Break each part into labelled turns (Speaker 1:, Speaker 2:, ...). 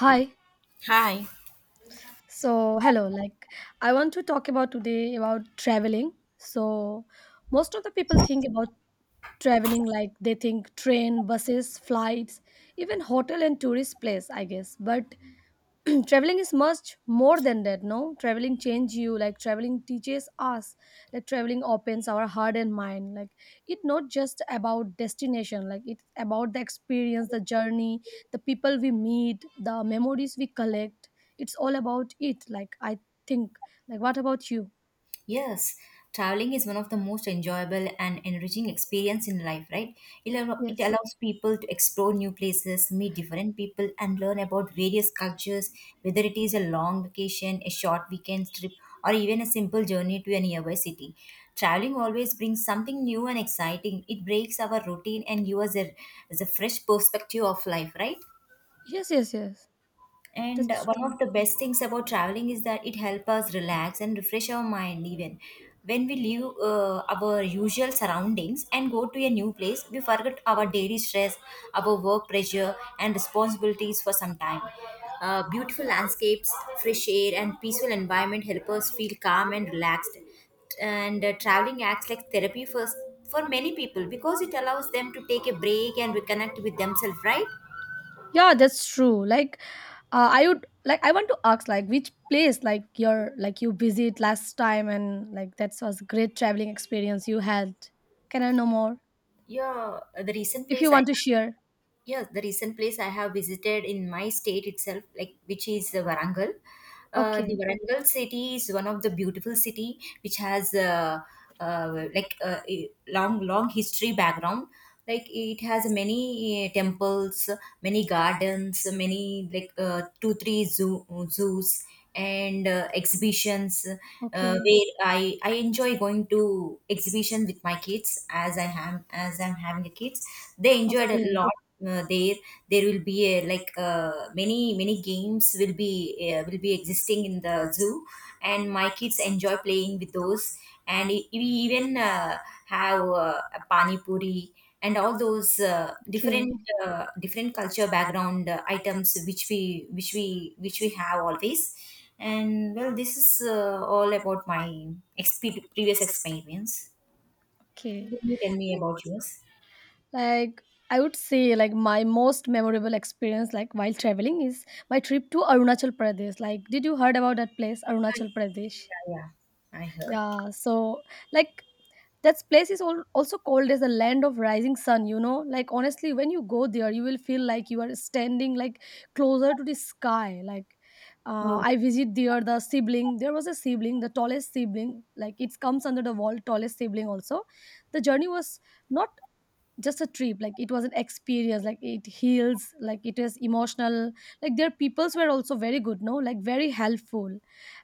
Speaker 1: Hi.
Speaker 2: Hi.
Speaker 1: So, hello. Like, I want to talk about today about traveling. So, most of the people think about traveling like they think train, buses, flights, even hotel and tourist place, I guess. But traveling is much more than that, no, traveling change you, like traveling teaches us, like traveling opens our heart and mind, like it not just about destination, like it's about the experience, the journey, the people we meet, the memories we collect, it's all about it, like I think, like what about you?
Speaker 2: Yes, traveling is one of the most enjoyable and enriching experience in life, right? It
Speaker 1: yes
Speaker 2: allows people to explore new places, meet different people, and learn about various cultures, whether it is a long vacation, a short weekend trip, or even a simple journey to a nearby city. Traveling always brings something new and exciting. It breaks our routine and gives us a fresh perspective of life, right?
Speaker 1: yes yes yes
Speaker 2: And
Speaker 1: That's
Speaker 2: one
Speaker 1: true.
Speaker 2: of the best things about traveling is that it helps us relax and refresh our mind even when we leave our usual surroundings and go to a new place. We forget our daily stress, our work pressure and responsibilities for some time. Beautiful landscapes, fresh air and peaceful environment help us feel calm and relaxed. And traveling acts like therapy for many people because it allows them to take a break and reconnect with themselves, right?
Speaker 1: Yeah, that's true. Like, I want to ask, like which place, like your, like you visit last time, and like that was great traveling experience you had. Can I know more
Speaker 2: yeah the recent
Speaker 1: if you
Speaker 2: place I
Speaker 1: want to share?
Speaker 2: Yes, the recent place I have visited in my state itself, like, which is Varangal. The
Speaker 1: Okay,
Speaker 2: Varangal city is one of the beautiful city which has a long history background. Like, it has many temples, many gardens, many 2 3 zoos and exhibitions,
Speaker 1: okay,
Speaker 2: where I enjoy going to exhibition with my kids, as I'm having a kids. They enjoyed a
Speaker 1: okay,
Speaker 2: lot there. There will be a, many many games will be existing in the zoo, and my kids enjoy playing with those. And we even have a pani puri and all those
Speaker 1: okay,
Speaker 2: different culture background items which we have always. And well, this is all about my previous experience.
Speaker 1: okay.
Speaker 2: Can you tell me
Speaker 1: Like,
Speaker 2: about yours?
Speaker 1: like I would say, like my most memorable experience like while traveling is my trip to Arunachal Pradesh. Like, did you heard about that place, Arunachal Pradesh?
Speaker 2: Yeah, I heard.
Speaker 1: Yeah, so like that place is also called as the land of rising sun, you know, like honestly when you go there you will feel like you are standing like closer to the sky, like
Speaker 2: Oh,
Speaker 1: I visit there the sibling, there was a sibling the tallest sibling, like it comes under the wall tallest sibling also. The journey was not just a trip, like it was an experience, like it heals, like it is emotional, like their peoples were also very good, no, like very helpful,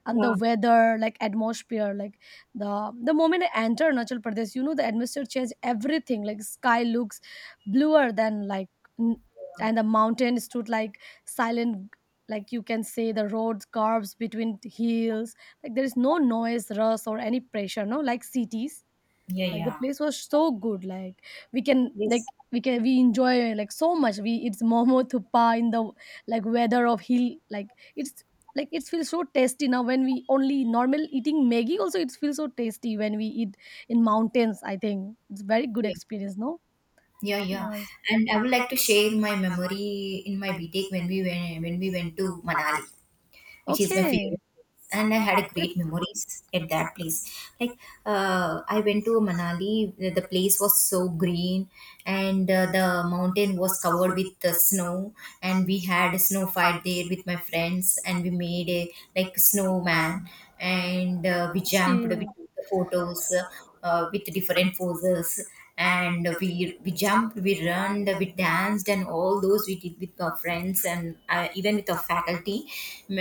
Speaker 1: and the
Speaker 2: yeah.
Speaker 1: weather like atmosphere, like the the moment I enter Nachal Pradesh, you know the atmosphere changed everything, like sky looks bluer than, like n- and the mountain stood like silent, like you can say the road curves between hills, like there is no noise, rush or any pressure, no like cities.
Speaker 2: Yeah,
Speaker 1: Like the
Speaker 2: yeah.
Speaker 1: place was so good, like
Speaker 2: Yes.
Speaker 1: we enjoy like so much, we it's momo thupa in the like weather of hill, like it's, like it feels so tasty now when we only normal eating maggie also, it feels so tasty when we eat in mountains. I think it's very good
Speaker 2: Yeah,
Speaker 1: experience, no?
Speaker 2: yeah, yeah.
Speaker 1: Nice.
Speaker 2: And I would like to share my memory in my BTEC, when we went to Manali, which is my
Speaker 1: Okay.
Speaker 2: favorite place. And I had a great
Speaker 1: That's
Speaker 2: memories at that place. Like, I went to Manali. The place was so green, and the mountain was covered with the snow. And we had a snow fight there with my friends, and we made a like snowman, and we jumped the
Speaker 1: okay.
Speaker 2: photos with different poses. And we jumped, we ran, we danced, and all those we did with our friends, and even with our faculty,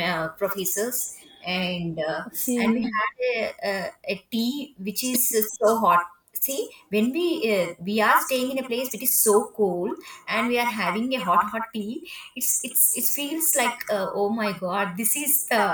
Speaker 2: professors. And and we
Speaker 1: Okay.
Speaker 2: had a tea which is so hot. See, when we are staying in a place which is so cool and we are having a hot tea, it's it feels like, oh my god, this is the,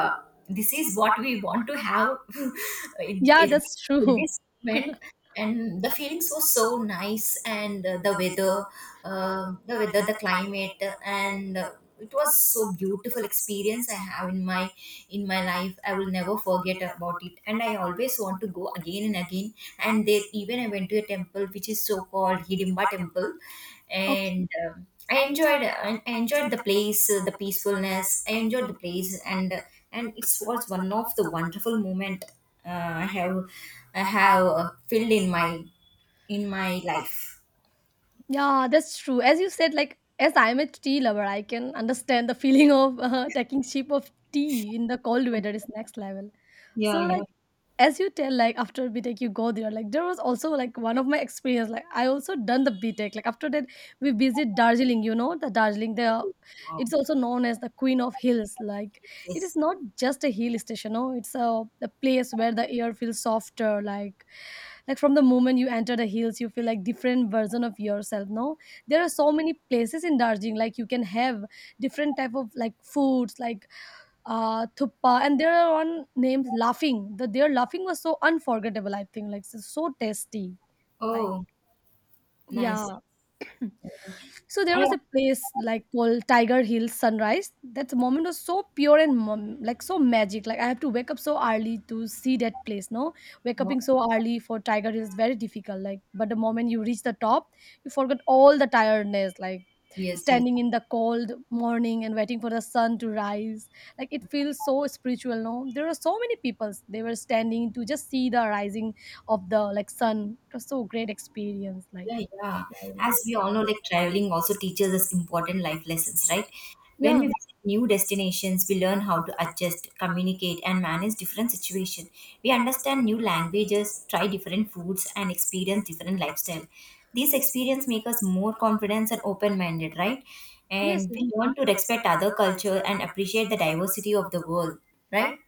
Speaker 2: this is what we want to have in,
Speaker 1: Yeah,
Speaker 2: in,
Speaker 1: that's
Speaker 2: in
Speaker 1: true.
Speaker 2: this moment. And the feelings were so nice, and the weather, the climate, and it was so beautiful experience I have in my life. I will never forget about it, and I always want to go again and again. And there, even I went to a temple which is so called Hidimba temple,
Speaker 1: Okay.
Speaker 2: and I enjoyed, enjoyed the place, the peacefulness. I enjoyed the place, and and it was one of the wonderful moment uh, I have I have filled in my life.
Speaker 1: Yeah, that's true. As you said, like as I'm a tea lover, I can understand the feeling of taking sip of tea in the cold weather is next level.
Speaker 2: Yeah,
Speaker 1: So
Speaker 2: yeah.
Speaker 1: like as you tell, like after btech you go there, like there was also like one of my experience, like I also done the btech, like after that we visit darjeeling, you know the darjeeling there,
Speaker 2: Wow.
Speaker 1: it's also known as the queen of hills, like
Speaker 2: Yes,
Speaker 1: it is
Speaker 2: yes.
Speaker 1: not just a hill station, no, it's a place where the air feels softer, like from the moment you enter the hills you feel like different version of yourself, no? There are so many places in darjeeling, like you can have different type of like foods, like thuppa, and there are one names laughing, the their laughing was so unforgettable, I think, like so, so tasty. Like,
Speaker 2: Oh, nice.
Speaker 1: yeah, so there
Speaker 2: I,
Speaker 1: was a place like called Tiger Hill Sunrise. That moment was so pure and like so magic. Like I have to wake up so early to see that place. No, wake up so early for Tiger Hill is very difficult. Like, but the moment you reach the top, you forget all the tiredness. Like
Speaker 2: yes, yes.
Speaker 1: standing in the cold morning and waiting for the sun to rise. Like it feels so spiritual. No, there were so many people. They were standing to just see the rising of the like sun. It was so great experience. Like
Speaker 2: Yeah, yeah.
Speaker 1: very much.
Speaker 2: As we all
Speaker 1: Yeah.
Speaker 2: know, like, traveling also teaches us important life lessons, right? When we
Speaker 1: Yeah.
Speaker 2: visit new destinations, we learn how to adjust, communicate, and manage different situations. We understand new languages, try different foods, and experience different lifestyle. These experience make us more confident and open-minded, right?
Speaker 1: Yes,
Speaker 2: And
Speaker 1: yes.
Speaker 2: we learn to respect other culture and appreciate the diversity of the world, right?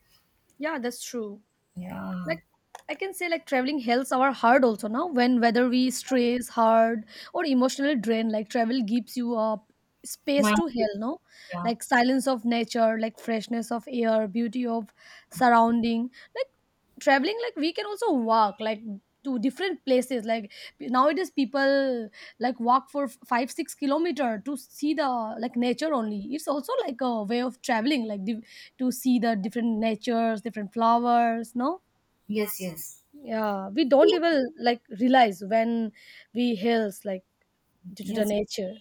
Speaker 1: Yeah, that's true.
Speaker 2: Yeah.
Speaker 1: Like I can say like traveling helps our heart also, now when whether we stress hard or emotional drain, like travel gives you a space
Speaker 2: Mind.
Speaker 1: to heal, no?
Speaker 2: Yeah.
Speaker 1: Like silence of nature, like freshness of air, beauty of surrounding, like traveling, like we can also walk like to different places, like nowadays people like walk for 5 6 kilometer to see the like nature only, it's also like a way of traveling, to see the different natures, different flowers, no?
Speaker 2: Yes. Yes.
Speaker 1: Yeah, we don't even like realize when we heals like due to the
Speaker 2: Yes.
Speaker 1: nature.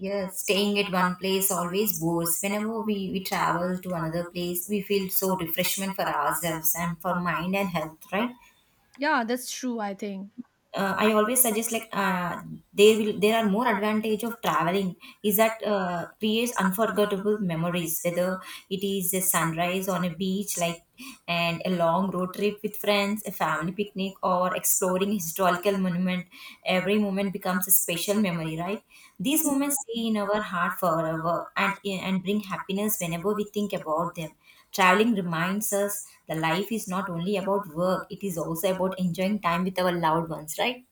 Speaker 2: Yes, staying at one place always bores. Whenever we travel to another place, we feel so refreshment for ourselves and for mind and health, right?
Speaker 1: Yeah, that's true, I think.
Speaker 2: I always suggest, like, there are more advantage of traveling is that creates unforgettable memories, whether it is a sunrise on a beach, like, and a long road trip with friends, a family picnic, or exploring historical monument. Every moment becomes a special memory, right? These moments stay in our heart forever, and bring happiness whenever we think about them. Traveling reminds us that life is not only about work, it is also about enjoying time with our loved ones, right?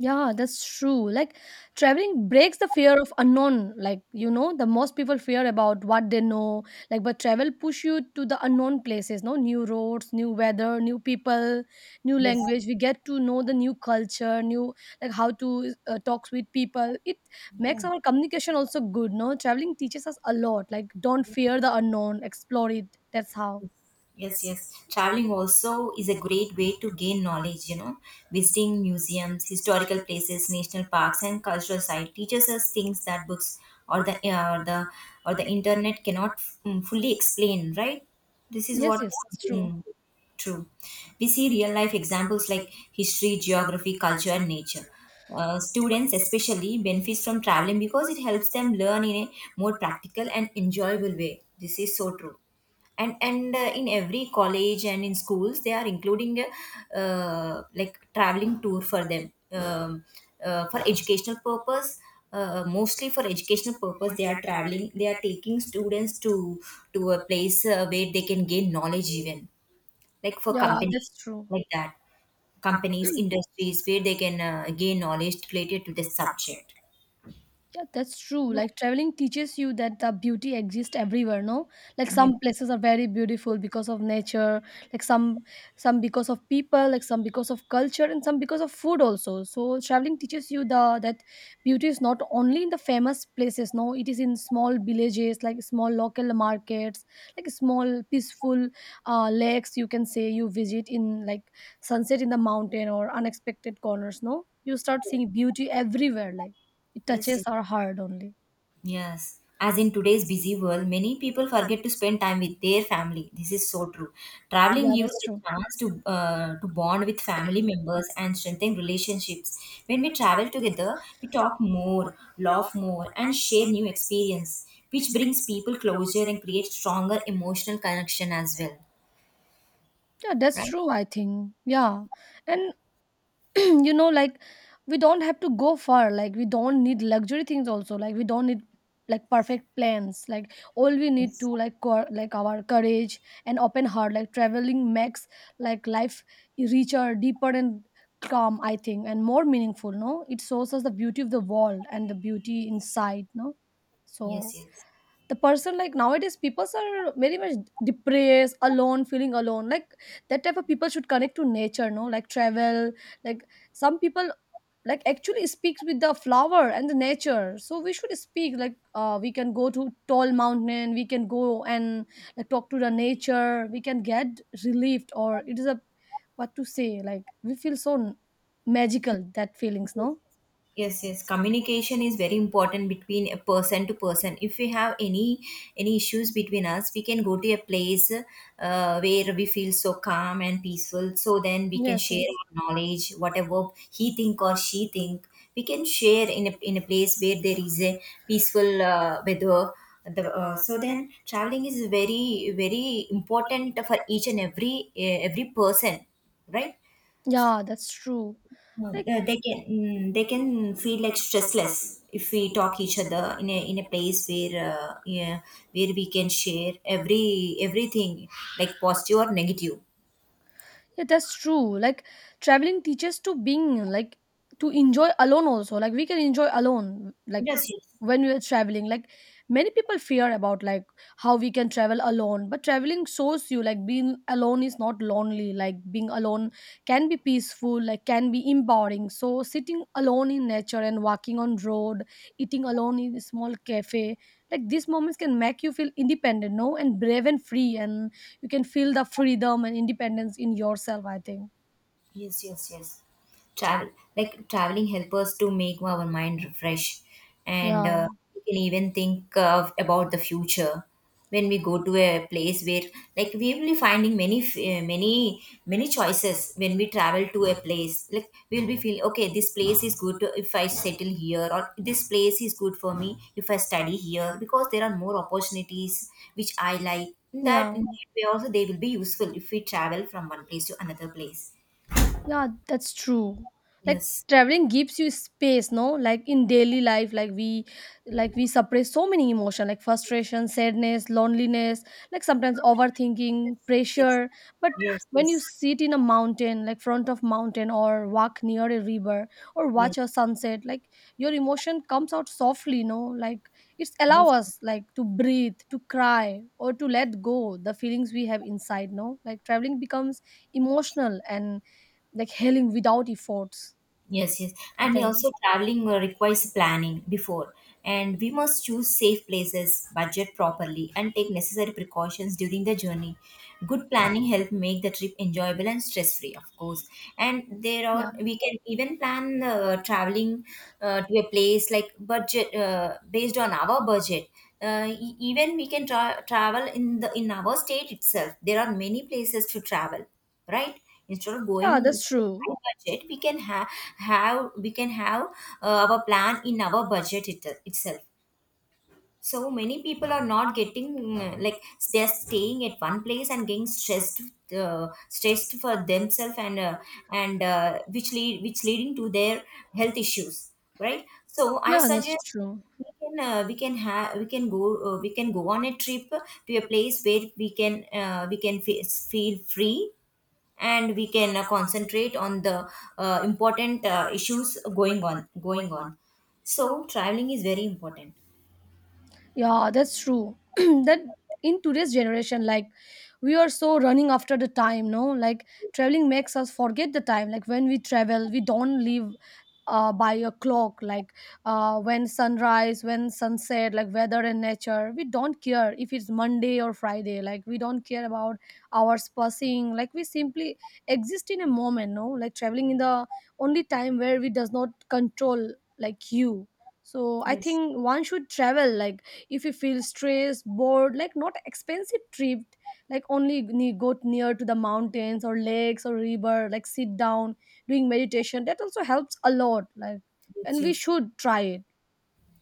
Speaker 1: Yeah, that's true. Like traveling breaks the fear of unknown. Like you know, the most people fear about what they know. Like but travel push you to the unknown places, no, new roads, new weather, new people, new
Speaker 2: Yes.
Speaker 1: language. We get to know the new culture, new, like how to talk with people. It makes
Speaker 2: Yeah.
Speaker 1: our communication also good, no? Traveling teaches us a lot. Like don't fear the unknown, explore it. That's how.
Speaker 2: Yes, yes. Traveling also is a great way to gain knowledge, you know. Visiting museums, historical places, national parks and cultural sites teaches us things that books or the uh, the or the internet cannot fully explain, right? This is
Speaker 1: Yes,
Speaker 2: what
Speaker 1: yes, that's true.
Speaker 2: something true. We see real life examples like history, geography, culture and nature. Students especially benefit from traveling because it helps them learn in a more practical and enjoyable way. This is so true. And in every college and in schools they are including a uh, like traveling tour for them, um, for educational purpose. Mostly for educational purpose they are traveling, they are taking students to a place where they can gain knowledge. Even like for
Speaker 1: Yeah,
Speaker 2: companies,
Speaker 1: that's true.
Speaker 2: like that companies, industries, where they can gain knowledge related to this subject.
Speaker 1: Yeah, that's true. Like traveling teaches you that the beauty exists everywhere, no? Like
Speaker 2: Yeah.
Speaker 1: some places are very beautiful because of nature, like some because of people, like some because of culture and some because of food also. So traveling teaches you the that beauty is not only in the famous places, no, it is in small villages, like small local markets, like small peaceful lakes you can say, you visit in like sunset in the mountain or unexpected corners, no? You start seeing beauty everywhere, like it touches
Speaker 2: Yes.
Speaker 1: our heart only.
Speaker 2: Yes, as in today's busy world, many people forget to spend time with their family. This is so true. Traveling
Speaker 1: Yeah,
Speaker 2: gives
Speaker 1: that's true.
Speaker 2: a chance to bond with family members and strengthen relationships. When we travel together, we talk more, laugh more, and share new experience, which brings people closer and creates stronger emotional connection as well,
Speaker 1: Yeah, that's
Speaker 2: right?
Speaker 1: true, I think. Yeah. And you know, like we don't have to go far. Like we don't need luxury things also. Like we don't need like perfect plans. Like all we need
Speaker 2: Yes.
Speaker 1: to, like our courage and open heart. Like traveling makes like life richer, deeper and calm, I think, and more meaningful, no? It shows us the beauty of the world and the beauty inside, no?
Speaker 2: Yes.
Speaker 1: So
Speaker 2: Yes.
Speaker 1: the person, like nowadays people are very much depressed, alone, feeling alone, like that type of people should connect to nature, no, like travel, like some people, like actually speaks with the flower and the nature, so we should speak like we can go to tall mountain, we can go and like talk to the nature, we can get relieved, or it is a what to say, like we feel so magical, that feelings, no?
Speaker 2: Yes, yes, communication is very important between a person to person. If we have any issues between us, we can go to a place where we feel so calm and peaceful, so then we can
Speaker 1: Yes,
Speaker 2: share
Speaker 1: yes.
Speaker 2: our knowledge, whatever he think or she think. We can share in in a place where there is a peaceful weather, so then traveling is very very important for each and every person, right?
Speaker 1: Yeah, that's true. Like,
Speaker 2: They can, they can feel like stressless if we talk each other in a place where, yeah, where we can share everything, like, positive or negative.
Speaker 1: yeah, that's true. Like traveling teaches to being like to enjoy alone also. Like we can enjoy alone like
Speaker 2: Yes, yes.
Speaker 1: when we are traveling. Like many people fear about like how we can travel alone, but traveling shows you like being alone is not lonely. Like being alone can be peaceful, like can be empowering. So sitting alone in nature and walking on road, eating alone in a small cafe, like these moments can make you feel independent, no, and brave and free, and you can feel the freedom and independence in yourself, I think.
Speaker 2: Yes, yes, yes. Travel Traveling help us to make our mind refresh, and
Speaker 1: Yeah.
Speaker 2: uh, we can even think of about the future. When we go to a place where, like, we will be finding many many choices. When we travel to a place, like, we will be feeling, okay, this place is good if I settle here, or this place is good for me if I study here because there are more opportunities which I like. In
Speaker 1: Yeah.
Speaker 2: that way also they will be useful, if we travel from one place to another place.
Speaker 1: Yeah, that's true. Like
Speaker 2: Yes.
Speaker 1: traveling gives you space, no? Like in daily life, like we, like we suppress so many emotion, like frustration, sadness, loneliness, like sometimes overthinking,
Speaker 2: Yes. Yes. Yes.
Speaker 1: pressure. But
Speaker 2: Yes.
Speaker 1: when you
Speaker 2: Yes.
Speaker 1: sit in a mountain, like front of mountain or walk near a river or watch
Speaker 2: Yes.
Speaker 1: a sunset, like your emotion comes out softly, no? Like it's allow
Speaker 2: Yes.
Speaker 1: us like to breathe, to cry, or to let go the feelings we have inside, no? Like traveling becomes emotional and like healing without efforts,
Speaker 2: Yes, yes.
Speaker 1: I
Speaker 2: And
Speaker 1: think.
Speaker 2: also traveling requires planning before, and we must choose safe places, budget properly, and take necessary precautions during the journey. Good planning help make the trip enjoyable and stress free, of course. And there
Speaker 1: Yeah.
Speaker 2: are, we can even plan traveling to a place like budget based on our budget. Even we can travel in our state itself. There are many places to travel, right, instead of
Speaker 1: Yeah,
Speaker 2: going to
Speaker 1: that's true.
Speaker 2: high budget. We can have, our plan in our budget itself. So many people are not getting, like, they're staying at one place and getting stressed, stressed for themselves, and which leading to their health issues, right? So I
Speaker 1: Yeah, that's
Speaker 2: suggest
Speaker 1: true.
Speaker 2: we can, we can have we can go on a trip to a place where we can, we can feel free, and we can concentrate on the important issues going on. So traveling is very important.
Speaker 1: Yeah, that's true. That in today's generation, like we are so running after the time, no? Like traveling makes us forget the time. Like when we travel, we don't live by a clock. Like when sunrise, when sunset, like weather and nature, we don't care if it's Monday or Friday. Like we don't care about hours passing. Like we simply exist in a moment, no? Like traveling in the only time where we does not control like you. So I
Speaker 2: Yes.
Speaker 1: think one should travel, like if you feel stressed, bored, like not expensive trip, like only go near to the mountains or lakes or river, like sit down doing meditation, that also helps a lot, like
Speaker 2: Yes,
Speaker 1: and we
Speaker 2: yes,
Speaker 1: should try it.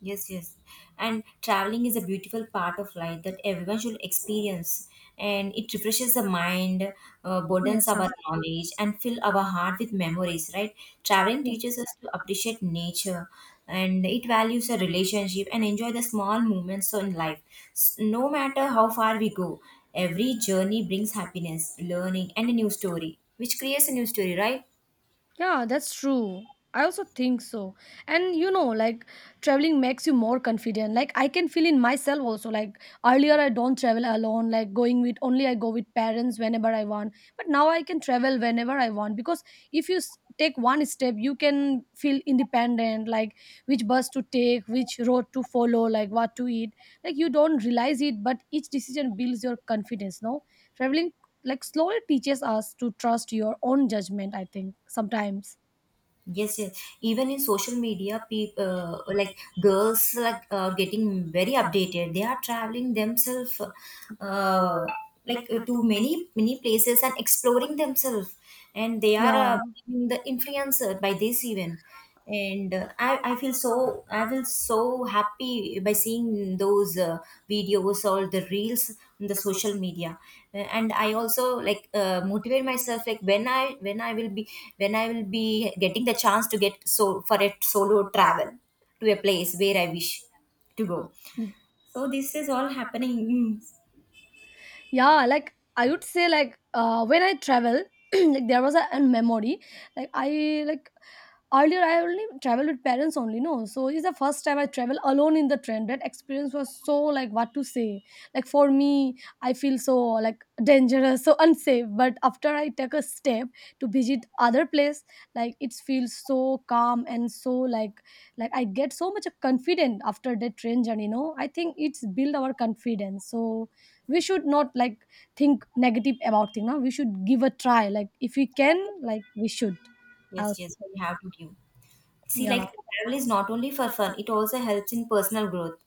Speaker 2: yes, yes. And traveling is a beautiful part of life that everyone should experience. And it refreshes the mind, broadens
Speaker 1: Yes,
Speaker 2: our
Speaker 1: yes,
Speaker 2: knowledge, and fill our heart with memories, right? Traveling
Speaker 1: yes.
Speaker 2: teaches us to appreciate nature, and it values a relationship and enjoy the small moments in life. No matter how far we go, every journey brings happiness, learning, and a new story, which creates a new story, right?
Speaker 1: Yeah, that's true. I also think so. And you know, like traveling makes you more confident. Like I can feel in myself also. Like earlier I don't travel alone, like going with only I go with parents whenever I want. But now I can travel whenever I want, because if you take one step, you can feel independent, like which bus to take, which road to follow, like what to eat. Like you don't realize it, but each decision builds your confidence, no? Traveling like slowly teaches us to trust your own judgment, I think sometimes.
Speaker 2: Yes, yes. Even in social media, people, like, girls, like, are getting very updated. They are traveling themselves, uh, to many many places and exploring themselves, and they are,
Speaker 1: Yeah.
Speaker 2: being the influencer by this even. And I feel so, I feel so happy by seeing those videos or the reels in the social media. And I also, like, motivate myself, like, when I will be, when I will be getting the chance to get so for a solo travel to a place where I wish to go. So this is all happening.
Speaker 1: Yeah. Like I would say, like when I travel like there was a memory, like I like earlier I only traveled with parents only, no, so it's the first time I travel alone in the train, that experience was so, like what to say, like for me I feel so like dangerous, so unsafe, but after I take a step to visit other place, like it feels so calm and so like like I get so much confident after that train journey, no? I think it's build our confidence, so we should not like think negative about thing now, we should give a try, like if we can, like we should, I'll
Speaker 2: Yes, yes, we
Speaker 1: say.
Speaker 2: have to give. See, like,
Speaker 1: Yeah.
Speaker 2: travel is not only for fun; it also helps in personal growth,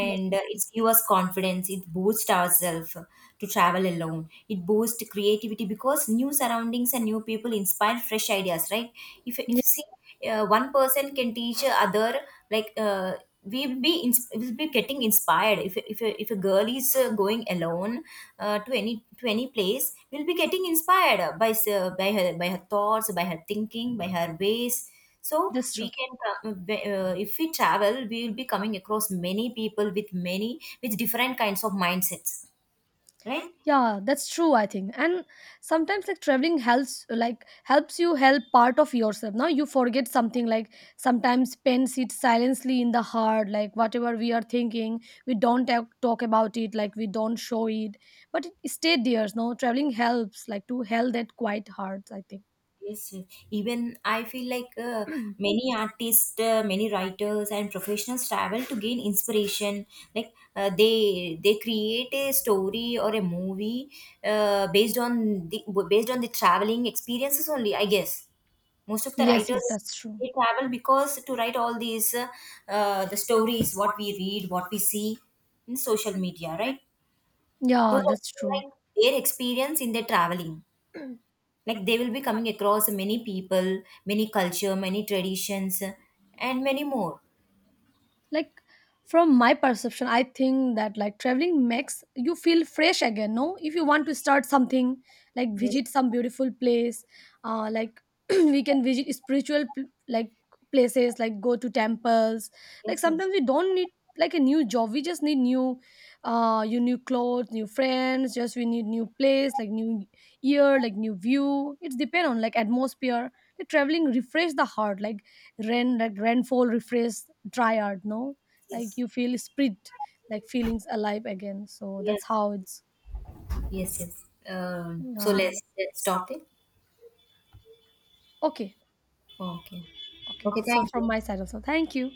Speaker 1: Yes, yes.
Speaker 2: uh, it gives us confidence. It boosts ourselves to travel alone. It boosts creativity because new surroundings and new people inspire fresh ideas, right?
Speaker 1: Yeah,
Speaker 2: If see, one person can teach other, like. We will be will be getting inspired if a girl is going alone to any place, will be getting inspired by by her, by her thoughts, by her thinking, by her ways. So
Speaker 1: that's
Speaker 2: we
Speaker 1: true.
Speaker 2: can if we travel we will be coming across many people with many, with different kinds of mindsets, right?
Speaker 1: Yeah, that's true, I think, and sometimes like traveling helps like helps you help part of yourself, now you forget something, like sometimes pen sits silently in the heart, like whatever we are thinking, we don't talk about it, like we don't show it, but it stayed there, no, traveling helps like to help that quiet heart, I think.
Speaker 2: Yes, yes. Even I feel like, many artists, many writers, and professionals travel to gain inspiration. Like, they create a story or a movie uh, based on the based on the traveling experiences only. I guess most of the
Speaker 1: Yes, yes,
Speaker 2: writers,
Speaker 1: that's true.
Speaker 2: they travel because to write all these, the stories, what we read, what we see in social media, right? Those
Speaker 1: Yeah,
Speaker 2: are,
Speaker 1: that's true.
Speaker 2: like, their experience in their traveling, like, they will be coming across many people, many culture, many traditions, and many more.
Speaker 1: Like from my perception, I think that like traveling makes you feel fresh again, no? If you want to start something, like
Speaker 2: Yes,
Speaker 1: visit some beautiful place, like we can visit like places, like go to temples. Like
Speaker 2: yes. Yes,
Speaker 1: sometimes we don't need like a new job. We just need new you new clothes, new friends, just we need new place, like new year, like new view. It's depend on like atmosphere. Like traveling refresh the heart. Like rain like rainfall refresh dryad, no, like
Speaker 2: yes,
Speaker 1: you feel spirit, like feelings alive again, so that's
Speaker 2: yes.
Speaker 1: how it's.
Speaker 2: Yes, So
Speaker 1: uh,
Speaker 2: let's stop it.
Speaker 1: okay.
Speaker 2: Okay.
Speaker 1: Okay,
Speaker 2: Okay,
Speaker 1: that's all
Speaker 2: thank
Speaker 1: from
Speaker 2: you.
Speaker 1: my side also, thank you.